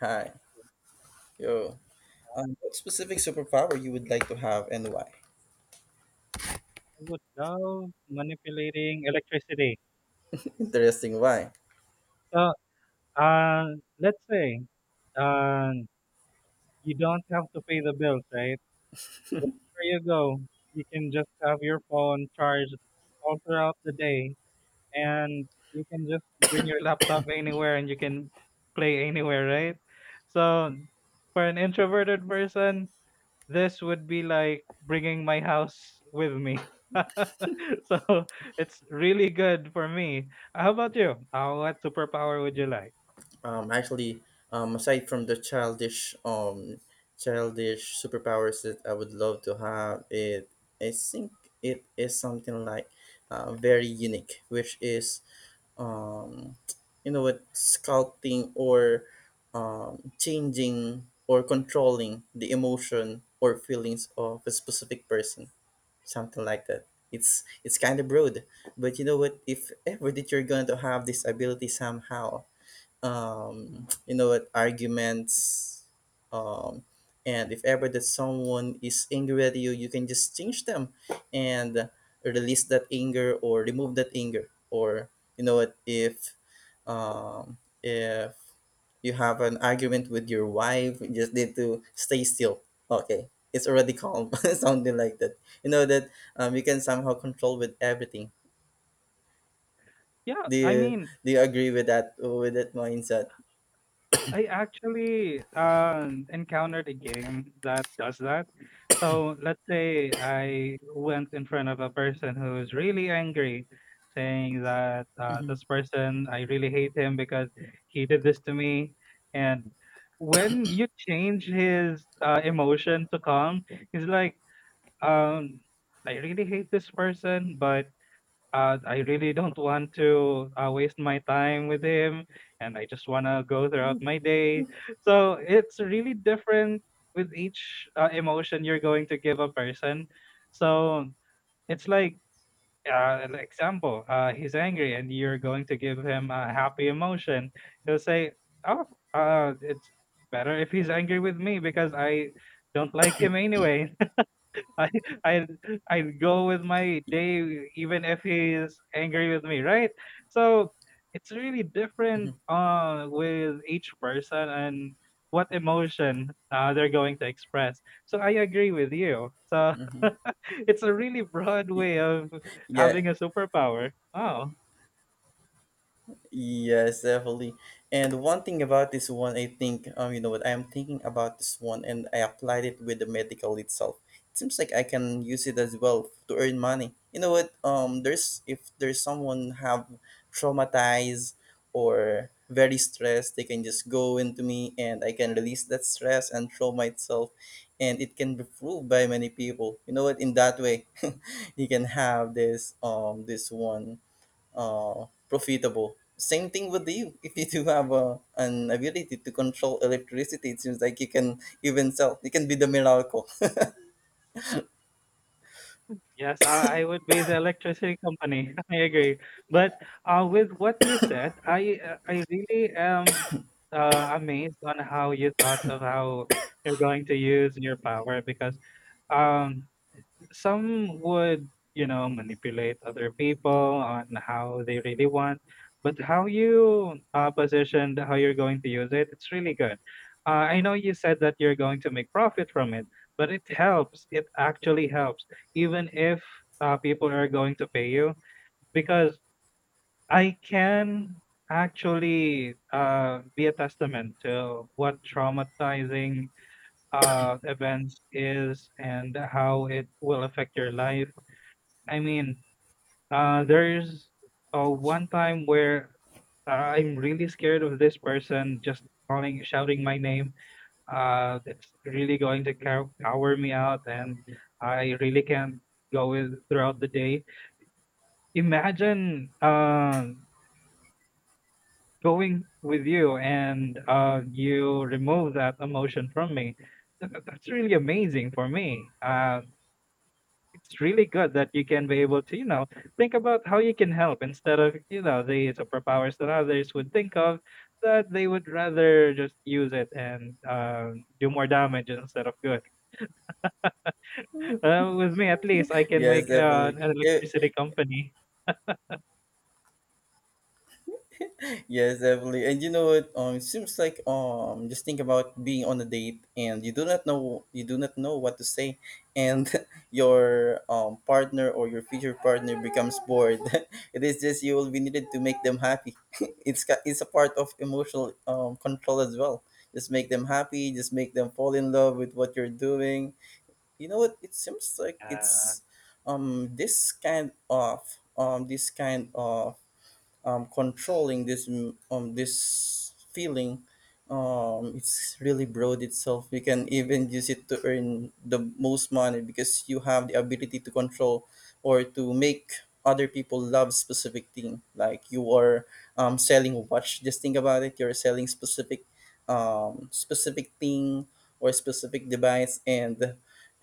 Hi, yo. What specific superpower you would like to have and why? I would love manipulating electricity. Interesting, why? So, uh, let's say, uh, you don't have to pay the bills, right? Wherever you go, you can just have your phone charged all throughout the day, and you can just bring your laptop anywhere and you can play anywhere, right? So, for an introverted person, this would be like bringing my house with me. So it's really good for me. How about you? What superpower would you like? Actually, aside from the childish, childish superpowers that I would love to have, it I think it is something like, very unique, which is, um, you know what, sculpting or, changing or controlling the emotion or feelings of a specific person. Something like that. It's kind of broad, but you know what? If ever that you're going to have this ability somehow, you know what arguments, um, and if ever that someone is angry at you, you can just change them and release that anger or remove that anger. Or you know what, if, um, if you have an argument with your wife, you just need to stay still. Okay, it's already calm. Something like that. You know that, you can somehow control with everything. Yeah, do I you mean, do you agree with that mindset? I actually, encountered a game that does that. So let's say I went in front of a person who's really angry, saying that, "This person, I really hate him because he did this to me." And when you change his, emotion to calm, he's like, um, "I really hate this person, but I really don't want to waste my time with him, and I just want to go throughout my day. So it's really different with each emotion you're going to give a person. So it's like, an example, he's angry, and you're going to give him a happy emotion. He'll say, "Oh, it's better if he's angry with me because I don't like him anyway." I i I'd go with my day even if he's angry with me, right? So it's really different Hmm. With each person and what emotion they're going to express. So I agree with you. So Hmm. it's a really broad way of Yeah, having a superpower. Oh. yes, definitely. And one thing about this one, I think, you know what, I'm thinking about this one and I applied it with the medical itself. It seems like I can use it as well to earn money. You know what, there's if there's someone have traumatized or very stressed, they can just go into me and I can release that stress and trauma itself. And it can be proved by many people. You know what, in that way, you can have this one, profitable. Same thing with you. If you do have, an ability to control electricity, it seems like you can even sell. You can be the miracle. Yes, I would be the electricity company. I agree. But with what you said, I really am uh, amazed on how you thought of how you're going to use your power because um, some would, you know, manipulate other people on how they really want, but how you positioned how you're going to use it, it's really good. I know you said that you're going to make profit from it, but it helps. It actually helps, even if people are going to pay you, because I can actually be a testament to what traumatizing events is and how it will affect your life. I mean, there's one time where I'm really scared of this person just calling, shouting my name. It's really going to cower me out, and I really can't go with throughout the day. Imagine going with you, and you remove that emotion from me. That's really amazing for me. It's really good that you can be able to, you know, think about how you can help instead of, you know, the superpowers that others would think of, that they would rather just use it and do more damage instead of good. With me, at least, I can Yes, make definitely. an If, electricity company. Yes, definitely. And you know what? It seems like, just think about being on a date, and you do not know what to say, and your partner or your future partner becomes bored. It is just you will be needed to make them happy. It's a part of emotional control as well. Just make them happy. Just make them fall in love with what you're doing. You know what? It seems like Uh, it's, um this kind of um this kind of, controlling this feeling. It's really broad itself. You can even use it to earn the most money because you have the ability to control, or to make other people love specific thing, like you are, selling a watch. Just think about it, you're selling specific, specific thing or specific device. And,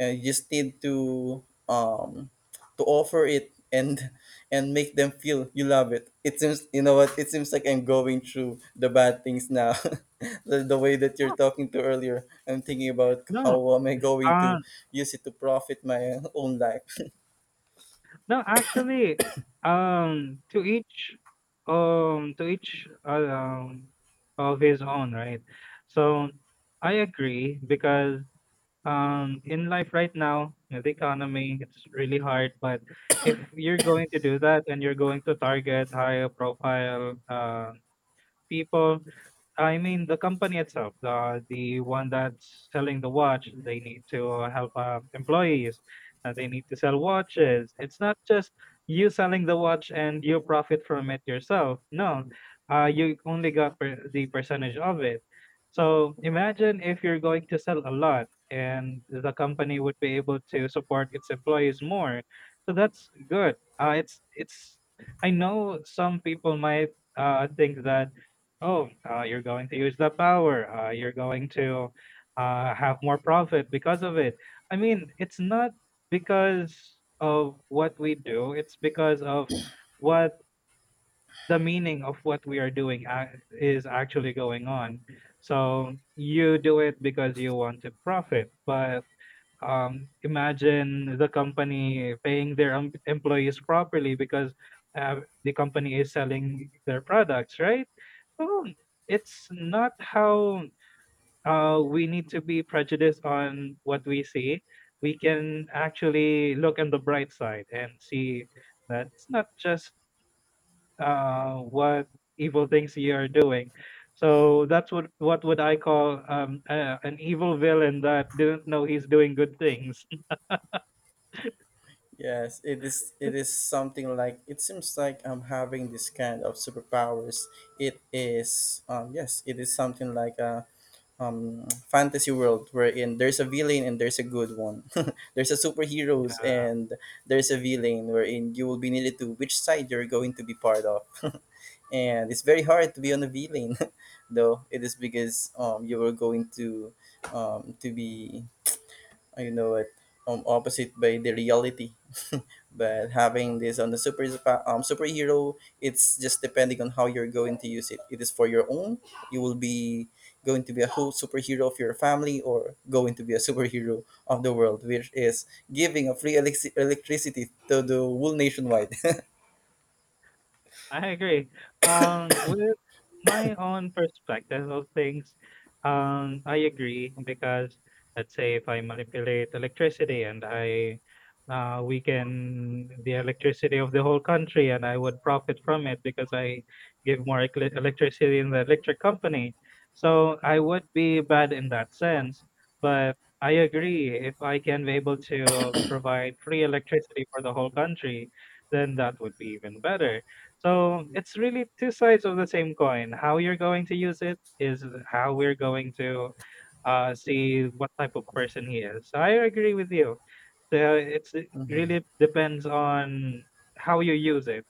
you just need to, um, to offer it, and make them feel you love it. It seems, you know what, it seems like I'm going through the bad things now. The way that you're no, talking to earlier, I'm thinking about no, how am I going uh, to use it to profit my own life. no, actually, um, to each, to each, of his own, right? So I agree because in life right now you know, the economy it's really hard but if you're going to do that and you're going to target high profile people. I mean the company itself, the one that's selling the watch, they need to help employees, they need to sell watches. It's not just you selling the watch and you profit from it yourself. No, you only got the percentage of it. So imagine if you're going to sell a lot and the company would be able to support its employees more. So that's good. It's I know some people might think that oh, you're going to use the power. You're going to have more profit because of it. I mean, it's not because of what we do, it's because of what the meaning of what we are doing is actually going on. So you do it because you want to profit, but imagine the company paying their employees properly because the company is selling their products, right? So it's not how we need to be prejudiced on what we see. We can actually look on the bright side and see that it's not just what evil things you are doing. So that's what would I call an evil villain that didn't know he's doing good things. Yes, it is something like, it seems like I'm having this kind of superpowers. It is, yes, it is something like, fantasy world wherein there's a villain and there's a good one. There's a superheroes and there's a villain wherein you will be needed to which side you're going to be part of. And it's very hard to be on a villain, though it is because, you are going to, to be, I know it, opposite by the reality. But having this on the superhero, it's just depending on how you're going to use it. It is for your own. You will be going to be a whole superhero of your family, or going to be a superhero of the world, which is giving a free electricity to the whole nationwide. I agree. With my own perspective of things, I agree because let's say if I manipulate electricity and I weaken the electricity of the whole country and I would profit from it because I give more electricity in the electric company. So I would be bad in that sense. But I agree if I can be able to provide free electricity for the whole country, then that would be even better. So it's really two sides of the same coin. How you're going to use it is how we're going to see what type of person he is. So I agree with you. So it's it really depends on how you use it.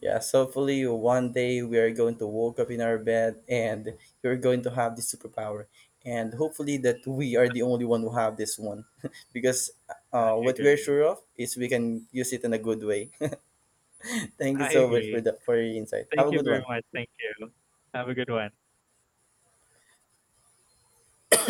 Yeah, so hopefully one day we are going to wake up in our bed and you're going to have this superpower. And hopefully that we are the only one who have this one. Because, I what we're agree. sure of is we can use it in a good way. Thank you I so much for agree. the for your insight. Have Thank a you good very one. much. Thank you. Have a good one.